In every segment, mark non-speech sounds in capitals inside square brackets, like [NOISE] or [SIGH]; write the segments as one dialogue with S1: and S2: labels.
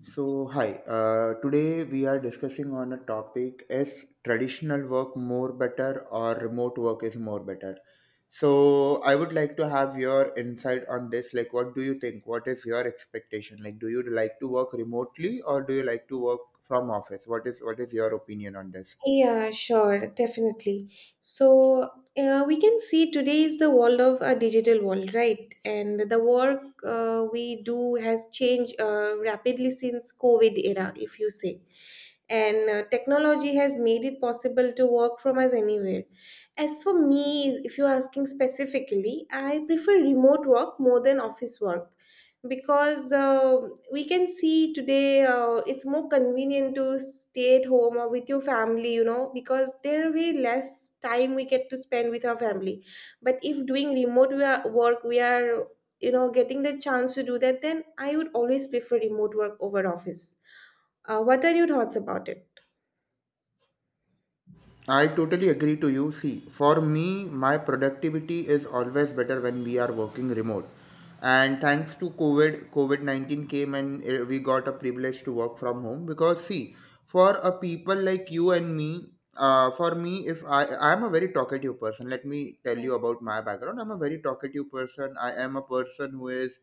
S1: So, hi. Today we are discussing on a topic: is traditional work more better or remote work is more better? So, I would like to have your insight on this. Like, what do you think? What is your expectation? Like, do you like to work remotely or do you like to work from office? What is your opinion on this?
S2: Yeah, sure, definitely. So, we can see today is the world of a digital world, right? And the work we do has changed rapidly since COVID era, if you say. And technology has made it possible to work from us anywhere. As for me, if you're asking specifically, I prefer remote work more than office work because we can see today it's more convenient to stay at home or with your family because there will be less time we get to spend with our family, but if doing remote work we are getting the chance to do that, then I would always prefer remote work over office. What are your thoughts about it?
S1: I totally agree to you. See, for me, my productivity is always better when we are working remote. And thanks to COVID, COVID 19 came and we got a privilege to work from home because, see, for a people like you and me, for me, if I am a very talkative person, let me tell
S2: Yeah.
S1: you about my background. I'm a very talkative person. I am a person who is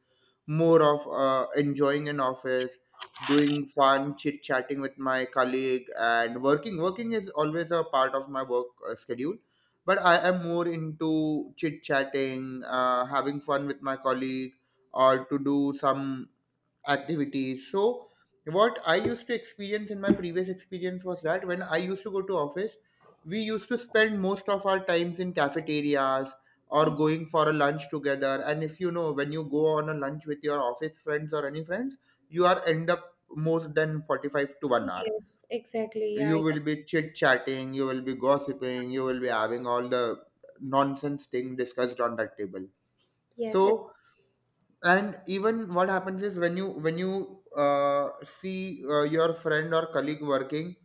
S1: more of enjoying an office, doing fun chit chatting with my colleague, and working is always a part of my work schedule, but I am more into chit chatting, having fun with my colleague or to do some activities. So what I used to experience in my previous experience was that when I used to go to office, we used to spend most of our times in cafeterias or going for a lunch together. And if you know, when you go on a lunch with your office friends or any friends, you are end up more than 45 to 1 hour.
S2: Yes, exactly. Yeah,
S1: You
S2: yeah.
S1: will be chit chatting, you will be gossiping, you will be having all the nonsense thing discussed on that table.
S2: Yes, it's.
S1: So, and even what happens is, when you see your friend or colleague working,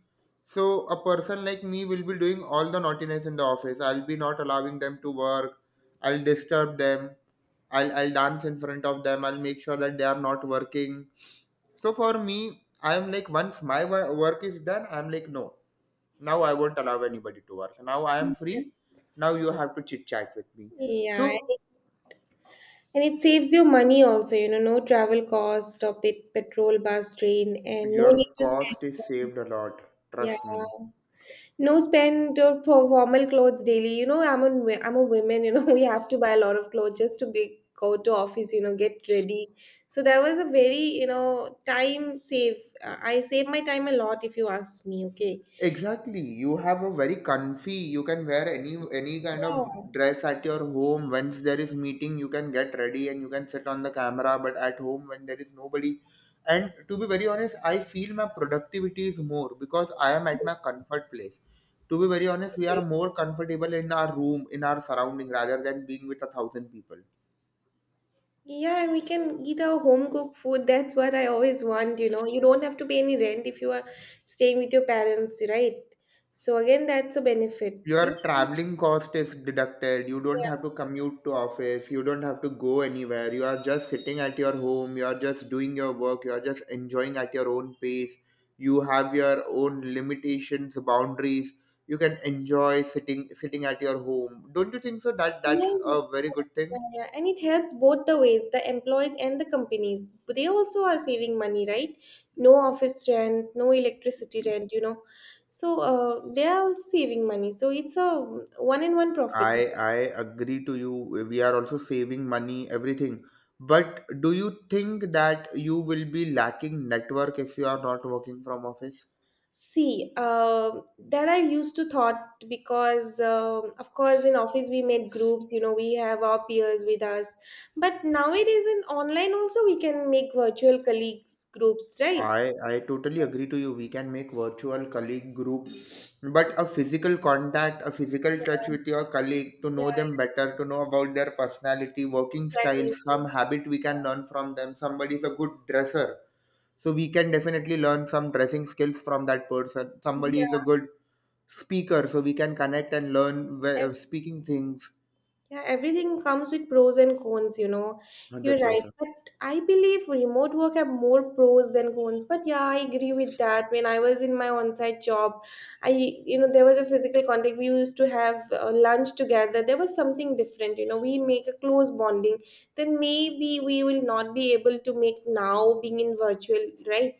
S1: so a person like me will be doing all the naughtiness in the office. I'll be not allowing them to work. I'll disturb them. I'll dance in front of them. I'll make sure that they are not working. So for me, I'm like, once my work is done, I'm like no, now I won't allow anybody to work. Now I am free. Now you have to chit chat with me. So
S2: Yeah. And it saves you money also, no travel cost or pet petrol, bus, train, and no need
S1: your
S2: to spend.
S1: cost is saved a lot,
S2: Yeah,
S1: trust me.
S2: no spend or for formal clothes daily. You know, I'm a woman. You know, [LAUGHS] we have to buy a lot of clothes just to be go to office. You know, get ready. So that was a very time save. I save my time a lot if you ask me. Okay.
S1: Exactly. You have a very comfy, you can wear any kind of dress at your home. Once there is meeting, you can get ready and you can sit on the camera, but at home when there is nobody. And to be very honest, I feel my productivity is more because I am at my comfort place. To be very honest, we
S2: Yeah.
S1: are more comfortable in our room, in our surrounding rather than being with a thousand people.
S2: Yeah, and we can eat our home cooked food. That's what I always want, you know. You don't have to pay any rent if you are staying with your parents, right? So again, that's a benefit. You.
S1: Your traveling cost is deducted. You don't have
S2: Yeah.
S1: to commute to office. You don't have to go anywhere. You are just sitting at your home. You are just doing your work. You are just enjoying at your own pace. You have your own limitations, boundaries. You can enjoy sitting at your home. Don't you think so? That's
S2: Yes,
S1: a
S2: of
S1: very
S2: course.
S1: good thing.
S2: Yeah, yeah. And it helps both the ways, the employees and the companies. But they also are saving money, right? No office rent, no electricity rent. So they are also saving money. So it's a one-on-one profit.
S1: I agree to you. We are also saving money, everything. But do you think that you will be lacking network if you are not working from office?
S2: See, that I used to thought because, of course, in office we made groups. You know, we have our peers with us. But nowadays, in online also, we can make virtual colleagues groups, right?
S1: I totally agree to you. We can make virtual colleague group, but a physical contact, a physical touch
S2: Yeah,
S1: with your colleague to
S2: yeah,
S1: know them better, to know about their personality, working style,
S2: exactly.
S1: some habit we can learn from them. Somebody is a good dresser, so we can definitely learn some dressing skills from that person. Somebody is a
S2: Yeah.
S1: good speaker, so we can connect and learn speaking things.
S2: Yeah, everything comes with pros and cons, you know. You're
S1: Hundred
S2: right.
S1: percent.
S2: But I believe remote work have more pros than cons. But yeah, I agree with that. When I was in my on-site job, I, there was a physical contact. We used to have lunch together. There was something different. We make a close bonding. Then maybe we will not be able to make now being in virtual, right?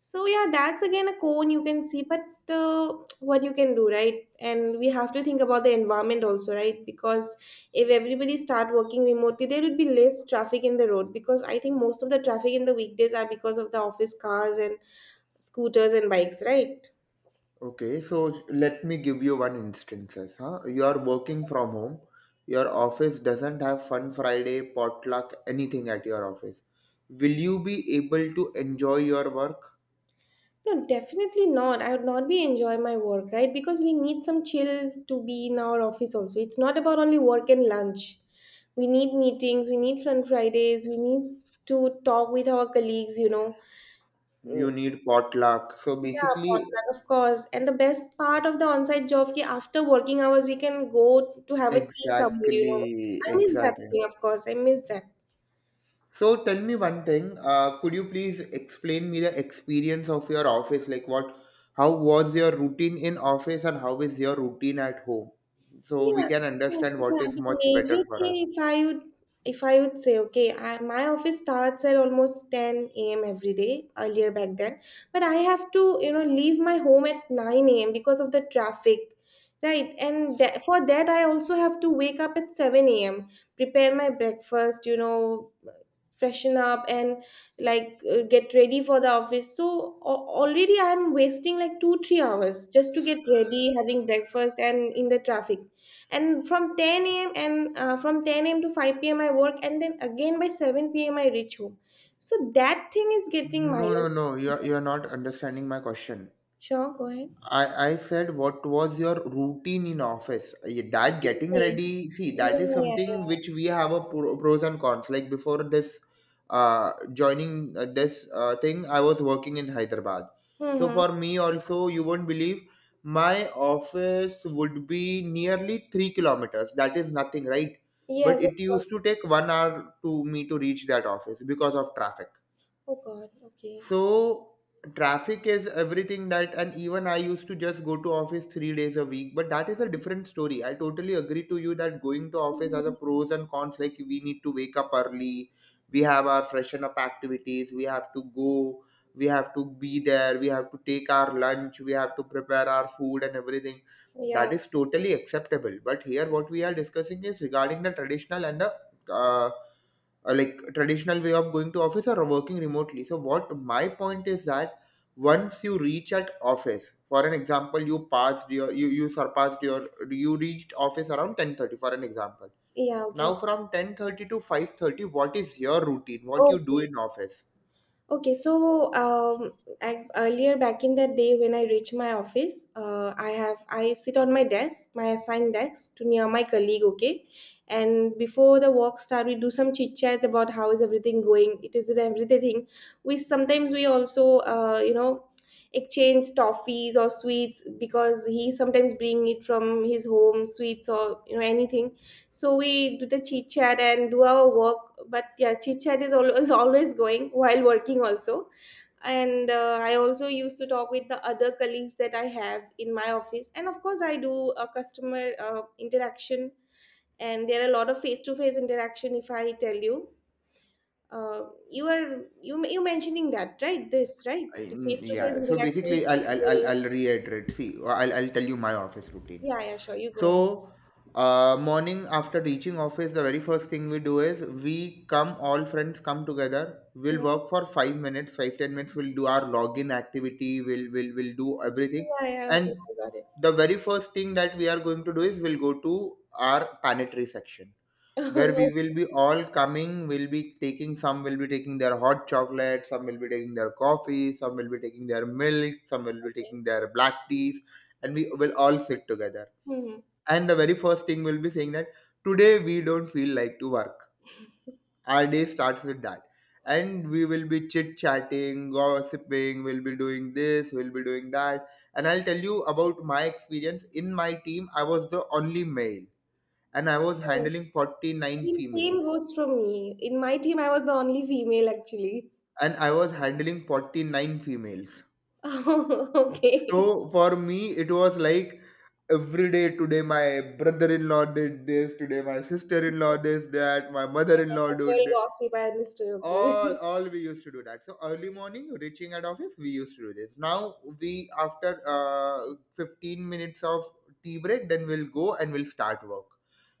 S2: So yeah, that's again a cone you can see, but uh, what you can do, right? And we have to think about the environment also, right? Because if everybody start working remotely, there would be less traffic in the road, because I think most of the traffic in the weekdays are because of the office cars and scooters and bikes, right?
S1: Okay, so let me give you one instances. Huh? You are working from home. Your office doesn't have Fun Friday, potluck, anything at your office. Will you be able to enjoy your work?
S2: No, definitely not. I would not be enjoy my work, right? Because we need some chill to be in our office also. It's not about only work and lunch. We need meetings, we need fun Fridays, we need to talk with our colleagues. Mm.
S1: You need potluck. So
S2: Yeah,
S1: basically,
S2: potluck, of course. And the best part of the on-site job ki after working hours we can go to have a tea somewhere.
S1: exactly,
S2: I miss that
S1: exactly.
S2: thing, of course. I miss that.
S1: So tell me one thing. Could you please explain me the experience of your office? Like what? How was your routine in office, and how is your routine at home? So we
S2: Yes.
S1: can
S2: So,
S1: understand what
S2: yeah,
S1: is
S2: the
S1: much
S2: major
S1: better for
S2: thing
S1: us.
S2: if I would say okay, my office starts at almost 10 a.m. every day earlier back then, but I have to leave my home at 9 a.m. because of the traffic, right? And that, for that I also have to wake up at 7 a.m., prepare my breakfast, freshen up, and like get ready for the office. So already I'm wasting like 2, 3 hours just to get ready, having breakfast, and in the traffic. And from 10 a.m. and from 10 a.m. to 5 p.m. I work, and then again by 7 p.m. I reach home. So that thing is getting
S1: No, no,
S2: minus.
S1: no. You're not understanding my question.
S2: Sure, go ahead.
S1: I said, what was your routine in office? That getting
S2: Yeah,
S1: ready. See,
S2: yeah,
S1: that is
S2: yeah,
S1: something
S2: yeah.
S1: which we have a pros and cons. Like before this, joining this thing, I was working in Hyderabad. So
S2: Mm-hmm.
S1: for me also, you won't believe, my office would be nearly 3 kilometers. That is nothing, right? But
S2: Yes, of
S1: it used
S2: course.
S1: to take 1 hour to me to reach that office because of traffic.
S2: Oh god, okay.
S1: So traffic is everything, that, and even I used to just go to office 3 days a week, but that is a different story. I totally agree to you that going to office has
S2: Mhm.
S1: a pros and cons. Like, we need to wake up early, we have our freshen up activities, we have to go, we have to be there, we have to take our lunch, we have to prepare our food and everything.
S2: Yeah,
S1: That is totally acceptable. But here, what we are discussing is regarding the traditional and the uh, like traditional way of going to office or working remotely. So what my point is that once you reach at office, for an example, you passed your you, you surpassed your you reached office around 10:30 for an example.
S2: yeah,
S1: Now
S2: okay,
S1: from 10:30 to 5:30, what is your routine, what you do
S2: okay.
S1: in office?
S2: Okay, so earlier back in the day when I reach my office, I sit on my desk, my assigned desk, to near my colleague. Okay, and before the work start, we do some chit chat about how is everything going. It is everything. We sometimes we also exchange toffees or sweets because he sometimes bring it from his home sweets or anything, so we do the chit chat and do our work. But yeah, chit chat is always [LAUGHS] always going while working also. And I also used to talk with the other colleagues that I have in my office. And of course, I do a customer interaction, and there are a lot of face to face interaction. If I tell you, uh, you are you you mentioning that, right? This right,
S1: I-
S2: the face to face
S1: yeah, so
S2: interaction with
S1: basically i'll i'll, I'll,
S2: people.
S1: I'll reiterate. See, I'll tell you my office routine.
S2: Yeah, yeah, sure. You go
S1: So,
S2: ahead.
S1: morning after reaching office, the very first thing we do is we come, all friends come together. We'll
S2: Hmm.
S1: work for 5 minutes, 5, 10 minutes. We'll do our login activity. We'll will do everything.
S2: Yeah, yeah, okay,
S1: And
S2: I got it.
S1: the very first thing that we are going to do is we'll go to our planetary section, where we will
S2: [LAUGHS]
S1: be all coming. We'll be taking some. Will be taking their hot chocolate. Some will be taking their coffee. Some will be taking their milk. Some will be
S2: Okay.
S1: taking their black teas. And we will all sit together,
S2: Hmm.
S1: and the very first thing will be saying that today we don't feel like to work. Our day starts with that, and we will be chit chatting, gossiping. We'll be doing this, we'll be doing that. And I'll tell you about my experience. In my team, I was the only male, and I was handling 49
S2: Same
S1: females.
S2: goes for me. In my team, I was the only female actually.
S1: And I was handling 49 females.
S2: [LAUGHS] Okay.
S1: So for me, it was like, every day, today my brother-in-law did this, today my sister-in-law did that, my mother-in-law
S2: Girl
S1: did.
S2: gossip, I understood. Okay.
S1: All we used to do that. So early morning, reaching at office, we used to do this. Now we, after 15 minutes of tea break, then we'll go and we'll start work.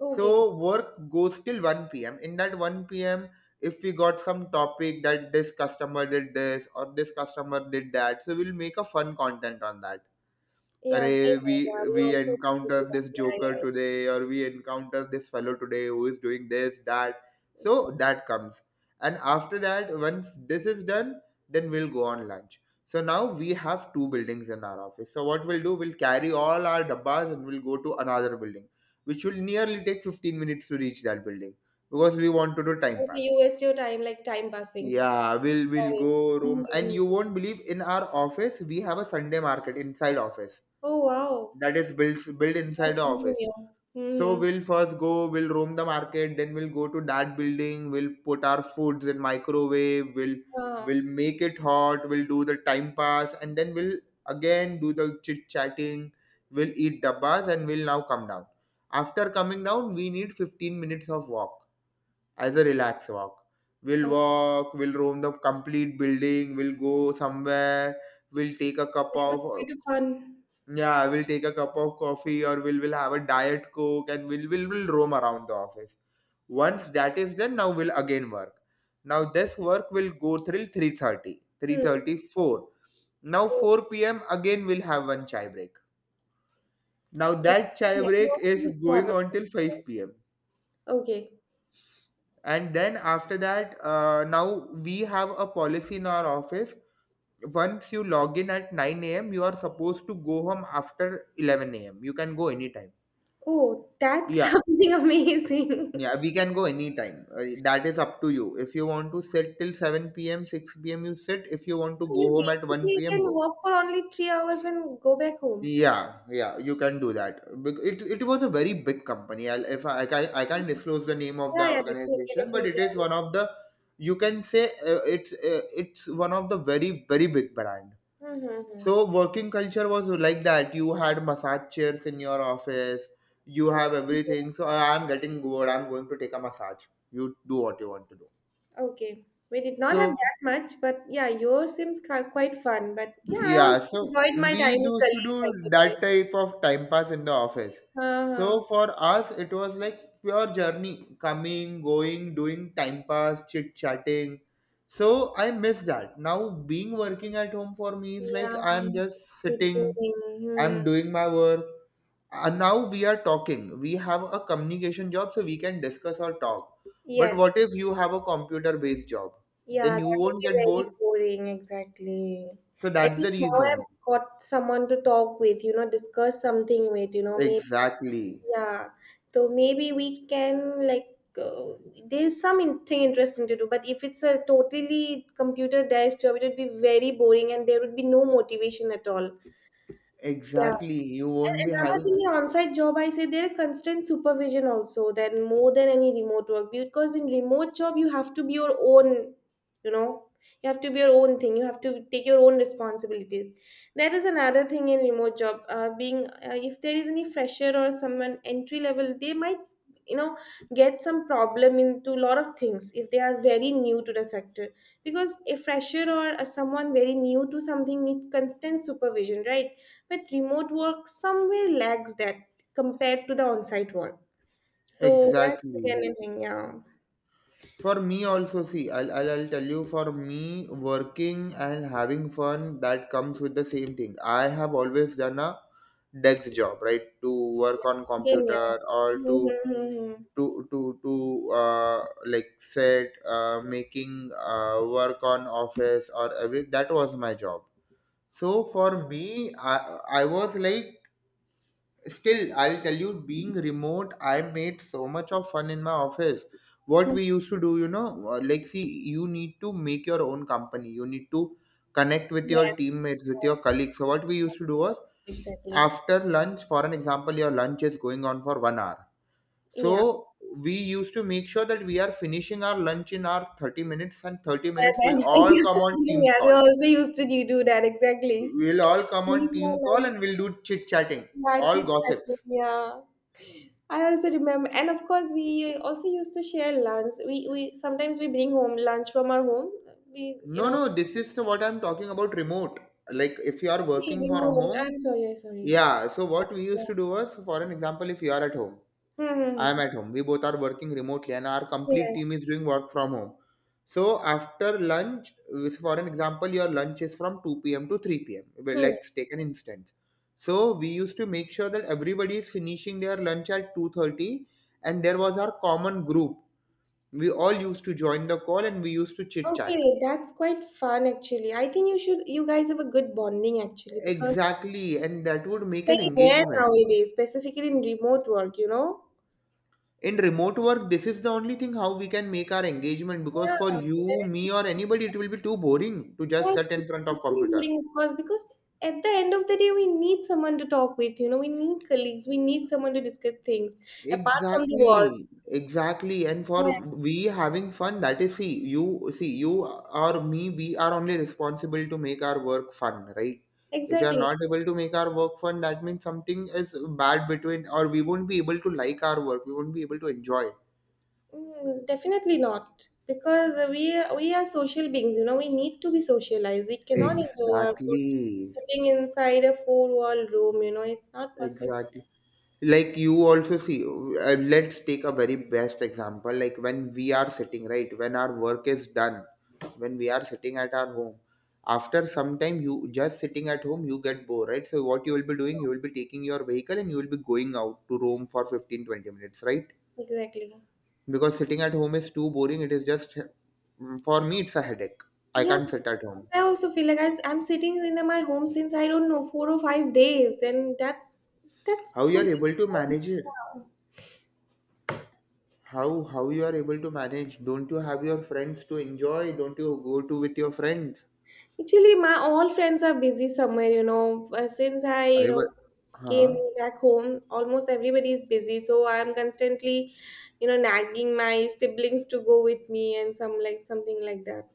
S2: [LAUGHS]
S1: So
S2: Okay.
S1: work goes till 1 p.m. In that 1 p.m., if we got some topic that this customer did this or this customer did that, so we'll make a fun content on that.
S2: Yeah, same.
S1: Array, we
S2: Yeah, we
S1: we
S2: also used to do
S1: encountered
S2: that.
S1: this
S2: Yeah,
S1: joker
S2: yeah,
S1: today, or we encounter this fellow today who is doing this, that.
S2: yeah.
S1: So
S2: Exactly.
S1: that comes. And after that, once this is done, then we'll go on lunch. So now we have two buildings in our office. So what we'll do, we'll carry all our dabbas and we'll go to another building, which will nearly take 15 minutes to reach that building, because we want to do time
S2: So
S1: pass.
S2: you waste your time like time passing.
S1: Yeah, we'll
S2: Sorry.
S1: go room,
S2: Hmm.
S1: and you won't believe, in our office we have a Sunday market inside office,
S2: Oh, wow.
S1: that is built inside the
S2: That's something
S1: office.
S2: new.
S1: So
S2: Mm-hmm.
S1: we'll first go, we'll roam the market, then we'll go to that building. We'll put our foods in microwave. we'll
S2: Wow.
S1: we'll make it hot. We'll do the time pass and then we'll again do the chit chatting. We'll eat dabbas and we'll now come down. After coming down, we need 15 minutes of walk as a relaxed walk. We'll
S2: Oh,
S1: walk, we'll roam the complete building, we'll go somewhere, we'll take a cup
S2: that
S1: of.
S2: was quite a fun.
S1: Yeah, I will take a cup of coffee, or we'll, will have a diet coke, and we'll, will roam around the office. Once that is done, now we'll again work. Now this work will go till 3:30, three
S2: Hmm.
S1: thirty four. Now
S2: Oh.
S1: 4 p.m. again we'll have one chai break. Now
S2: Yes.
S1: that chai
S2: Yeah, you
S1: break
S2: also
S1: is
S2: used to have
S1: going
S2: a.
S1: on till 5 p.m.
S2: Okay.
S1: And then after that, now we have a policy in our office. Once you log in at 9 a.m., you are supposed to go home after 11 a.m. You can go anytime.
S2: Oh, that's [LAUGHS]
S1: Yeah,
S2: something amazing.
S1: yeah, we can go anytime. That is up to you. If you want to sit till 7 p.m., 6 p.m., you sit. If you want to
S2: So
S1: go
S2: you
S1: home at
S2: basically
S1: 1 p.m.,
S2: can
S1: go.
S2: work for only 3 hours and go back home.
S1: Yeah, yeah, you can do that. It was a very big company. I'll, if I, I can I can't disclose the name of the
S2: Yeah, yeah, definitely,
S1: organization, but it
S2: definitely.
S1: is one of the you can say it's one of the very very big brand.
S2: Mm-hmm.
S1: So working culture was like that. You had massage chairs in your office. You have everything. So, I'm getting bored. I'm going to take a massage. You do what you want to do."
S2: Okay. We did not have
S1: So
S2: that much, but yeah, yours seems quite fun. But yeah, I also
S1: yeah, so
S2: enjoyed my
S1: we
S2: time with
S1: used to
S2: colleagues
S1: do
S2: at that time.
S1: that type of time pass in the office.
S2: Uh-huh.
S1: So for us, it was like pure journey, coming, going, doing time pass, chit chatting. So I miss that. Now being working at home for me is like
S2: Yeah,
S1: I'm just
S2: bit
S1: sitting,
S2: boring. Hmm.
S1: I'm doing my work. And now we are talking. We have a communication job, so we can discuss or talk. But
S2: Yes.
S1: what if you have a computer-based job?
S2: Yeah,
S1: Then you
S2: that would
S1: won't
S2: be
S1: get
S2: very
S1: bored.
S2: boring, exactly.
S1: So
S2: At
S1: that's the
S2: least now I've
S1: reason.
S2: got someone to talk with, discuss something with, maybe.
S1: Exactly.
S2: Yeah, so maybe we can, like there's some thing interesting to do, but if it's a totally computer desk job, it would be very boring and there would be no motivation at all. Yeah.
S1: Exactly. You
S2: And
S1: won't be
S2: another
S1: having
S2: thing in on-site job, I say there are constant supervision also, then more than any remote work. Because in remote job, you have to be your own, you know, you have to be your own thing. You have to take your own responsibilities. That is another thing in remote job. Being, if there is any fresher or someone entry level, they might you know get some problem into a lot of things if they are very new to the sector, because a fresher or a someone very new to something needs constant supervision, right? But remote work somewhere lacks that compared to the on-site work. So that's
S1: exactly.
S2: again a thing, yeah.
S1: For me also, see, I'll tell you, for me, working and having fun, that comes with the same thing. I have always done a desk job, right? To work on
S2: Same, yeah.
S1: computer or to
S2: Mm-hmm.
S1: to to to like set making work on office or every that was my job. So for me, I was like, still, I'll tell you, being remote, I made so much of fun in my office. What we used to do, you know, like, see, you need to make your own company. You need to connect with
S2: Yes,
S1: your teammates, with your colleagues. So, what we used to do was
S2: exactly.
S1: after lunch, for an example, your lunch is going on for 1 hour.
S2: Yeah.
S1: So, we used to make sure that we are finishing our lunch in our 30 minutes, and 30
S2: Yeah,
S1: minutes
S2: then,
S1: will
S2: [LAUGHS]
S1: all
S2: yes,
S1: come on
S2: yeah,
S1: Teams
S2: we
S1: call.
S2: also used to do that exactly.
S1: We'll all come on
S2: Yes,
S1: team call and we'll do chit chatting,
S2: yeah,
S1: all
S2: chit-chatting,
S1: gossips.
S2: yeah. I also remember, and of course, we also used to share lunch. We sometimes we bring home lunch from our home. We you
S1: No,
S2: know
S1: no, this is what I'm talking about remote. Like if you are
S2: we
S1: working
S2: bring
S1: from
S2: home. I'm
S1: home,
S2: sorry, I'm sorry.
S1: yeah. So
S2: Yeah,
S1: what we
S2: yeah.
S1: used to do was, for an example, if you are at home, I am
S2: Hmm.
S1: at home. We both are working remotely, and our
S2: Yeah.
S1: complete team is doing work from home. So after lunch, for an example, your lunch is from 2 p.m. to 3 p.m. Well,
S2: Hmm.
S1: let's take an instance. So we used to make sure that everybody is finishing their lunch at 2:30, and there was our common group. We all used to join the call, and we used to chit chat.
S2: Okay, that's quite fun actually. I think you guys have a good bonding actually because
S1: Exactly, and that would make an
S2: it's very rare
S1: engagement.
S2: nowadays, specifically in remote work, you know?
S1: In remote work, this is the only thing how we can make our engagement because
S2: Yeah,
S1: for you,
S2: that is
S1: me, or anybody, it will be too boring to just
S2: yeah,
S1: sit in
S2: it's
S1: front of
S2: becoming
S1: computer.
S2: boring of course because at the end of the day we need someone to talk with, we need colleagues, we need someone to discuss things apart from the work.
S1: Exactly, exactly. And for
S2: Yeah,
S1: we having fun, that is, see, you or me, we are only responsible to make our work fun, right? If we are
S2: exactly.
S1: not able to make our work fun, that means something is bad between, or we won't be able to like our work, we won't be able to enjoy.
S2: Mm, definitely not because we are social beings, we need to be socialized, we cannot enjoy our food
S1: Exactly.
S2: sitting inside a four wall room, it's not possible,
S1: Exactly. Like you also see, let's take a very best example. Like when we are sitting, right? When our work is done, when we are sitting at our home, after some time, you just sitting at home, you get bored, right? So, what you will be doing, you will be taking your vehicle and you will be going out to roam for 15 20 minutes, right?
S2: exactly.
S1: Because sitting at home is too boring. It is just, mm, for me, it's a headache. I
S2: Yeah,
S1: can't sit at home.
S2: I also feel like I'm sitting in my home since I don't know 4 or 5 days, and that's
S1: How
S2: that's
S1: you are
S2: so.
S1: able to
S2: [LAUGHS]
S1: manage it?
S2: Yeah.
S1: How you are able to manage? Don't you have your friends to enjoy? Don't you go to with your friends?
S2: Actually my all friends are busy somewhere, since I
S1: अरे but हाँ,
S2: came back home, almost everybody is busy, so I'm constantly nagging my siblings to go with me and some like something like that.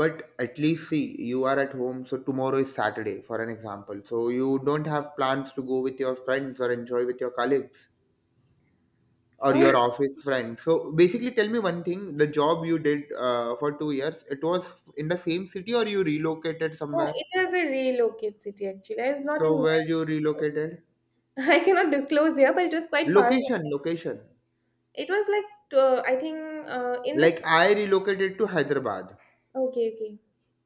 S1: but at least see you are at home. So tomorrow is Saturday, for an example. So you don't have plans to go with your friends or enjoy with your colleagues
S2: [LAUGHS]
S1: or
S2: uh,
S1: your office friends. So basically, tell me one thing: the job you did for 2 years, it was in the same city or you relocated
S2: yeah,
S1: somewhere?
S2: it was a relocate city actually. I was not in.
S1: So where you relocated?
S2: [LAUGHS] I cannot disclose here, but it was quite far from.
S1: Location, location.
S2: It was like I think in the s-.
S1: Like I relocated to Hyderabad.
S2: Okay, okay.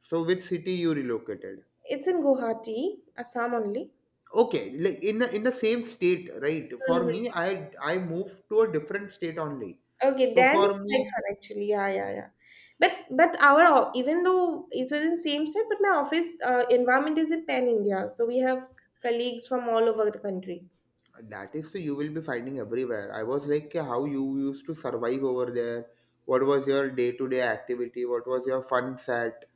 S1: So which city you relocated?
S2: It's in Guwahati, Assam only.
S1: Okay, like in the same state, right? For me, I moved to a different state only.
S2: Okay,
S1: So
S2: then it's
S1: for
S2: quite
S1: me,
S2: fun actually. Yeah, yeah, yeah. But even though it was in same state, but my office environment is in pan India, so we have colleagues from all over the country.
S1: that is so you will be finding everywhere. I was like, "Kya, how you used to survive over there? What was your day-to-day activity? What was your fun set?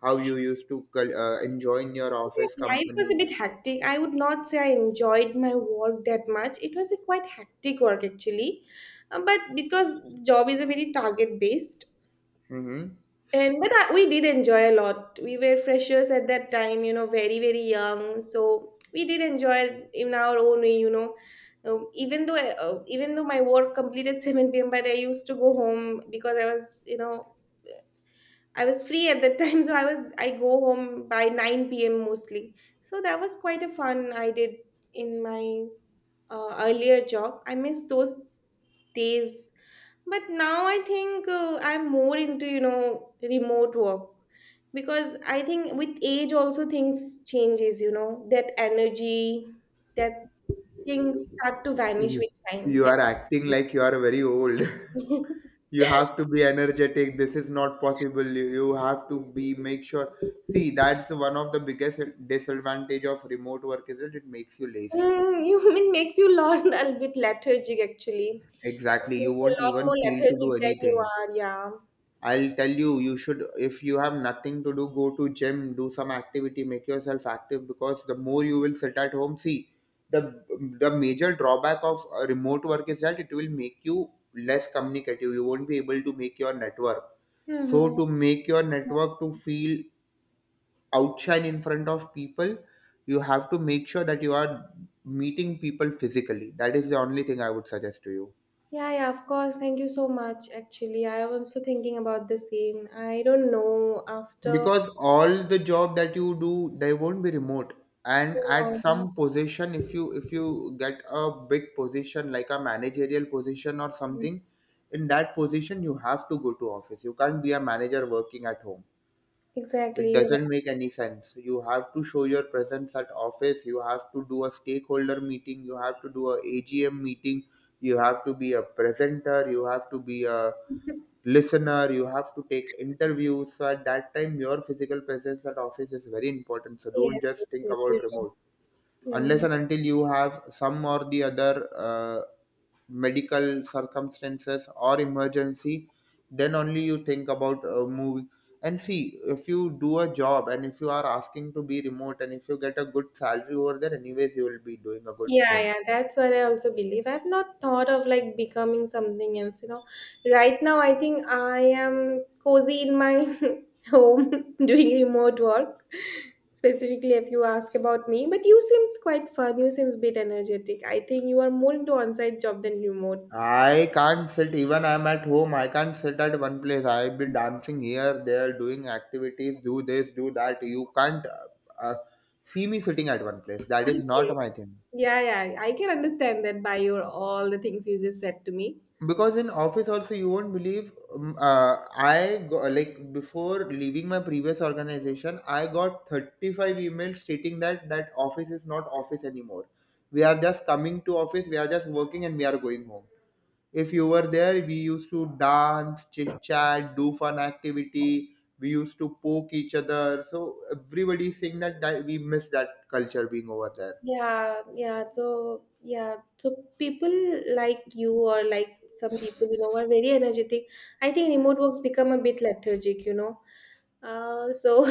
S1: How you used to enjoy in your office
S2: My life was a
S1: company?"
S2: bit hectic. I would not say I enjoyed my work that much. It was a quite hectic work actually. But because job is a very target based.
S1: Mm-hmm.
S2: And but we did enjoy a lot. We were freshers at that time, very very young. So we did enjoy in our own way. Even though my work completed [LAUGHS] 7 p.m., but I used to go home because I was free at that time. [LAUGHS] So I go home by 9 p.m. mostly. So that was quite a fun I did in my earlier job. I miss those days, but now I think I'm more into remote work because I think with age also things changes, that energy, that things start to vanish with time.
S1: You
S2: That.
S1: are acting like you are very old. [LAUGHS] you have
S2: [LAUGHS]
S1: to be energetic. This is not possible. You have to be make sure, see that's one of the biggest disadvantage of remote work is that it makes you lazy.
S2: Mm, you it makes you learn a bit lethargic actually. It
S1: Exactly, you
S2: makes you
S1: won't
S2: a lot
S1: even
S2: more
S1: feel to
S2: lethargic
S1: do
S2: than you
S1: anything.
S2: are, yeah.
S1: I'll tell you, you should, if you have nothing to do, go to gym, do some activity, make yourself active, because the more you will sit at home, see, the the major drawback of remote work is that it will make you less communicative. You won't be able to make your network, so
S2: Hmm.
S1: to make your network to feel outshine in front of people, you have to make sure that you are meeting people physically. That is the only thing I would suggest to you,
S2: Yeah, yeah, of course. Thank you so much. Actually, I am also thinking about the same. I don't know after.
S1: because all the job that you do they won't be remote, and at some
S2: Yeah.
S1: position if you get a big position like a managerial position or
S2: Mm.
S1: something, in that position you have to go to office. You can't be a manager working at home. It
S2: Exactly. You're right.
S1: doesn't make any sense. You have to show your presence at office. You have to do a stakeholder meeting, you have to do a AGM meeting, you have to be a presenter, you have to be a listener, you have to take interviews. So at that time your physical presence at office is very important, so
S2: Yes,
S1: don't just
S2: yes,
S1: think
S2: yes,
S1: about
S2: you're
S1: remote
S2: right.
S1: unless
S2: Mm.
S1: and until you have some or the other medical circumstances or emergency. Then only you think about moving. And see, if you do a job and if you are asking to be remote and if you get a good salary over there, anyways you will be doing a good
S2: Yeah,
S1: thing.
S2: yeah, that's what I also believe. I've not thought of like becoming something else. Right now, I think I am cozy in my [LAUGHS] home [LAUGHS] doing remote work. Specifically, if you ask about me, but you seems quite fun. You seems bit energetic. I think you are more into on-site job than remote. [LAUGHS]
S1: I can't sit even I'm at home. I can't sit at one place. I'll be dancing here, there, doing activities, do this, do that. You can't uh, see me sitting at one place. That is not
S2: Okay.
S1: my thing.
S2: Yeah, yeah, I can understand that by your all the things you just said to me.
S1: Because in office also you won't believe I go, like before leaving my previous organization I got 35 emails stating that that office is not office anymore. We are just coming to office, we are just working and we are going home. If you were there, we used to dance, chit chat, do fun activity, we used to poke each other. So everybody saying that, that we miss that culture being over there.
S2: Yeah, yeah. So, yeah. So people like you or like some people, are very energetic. I think remote works become a bit lethargic. So [LAUGHS]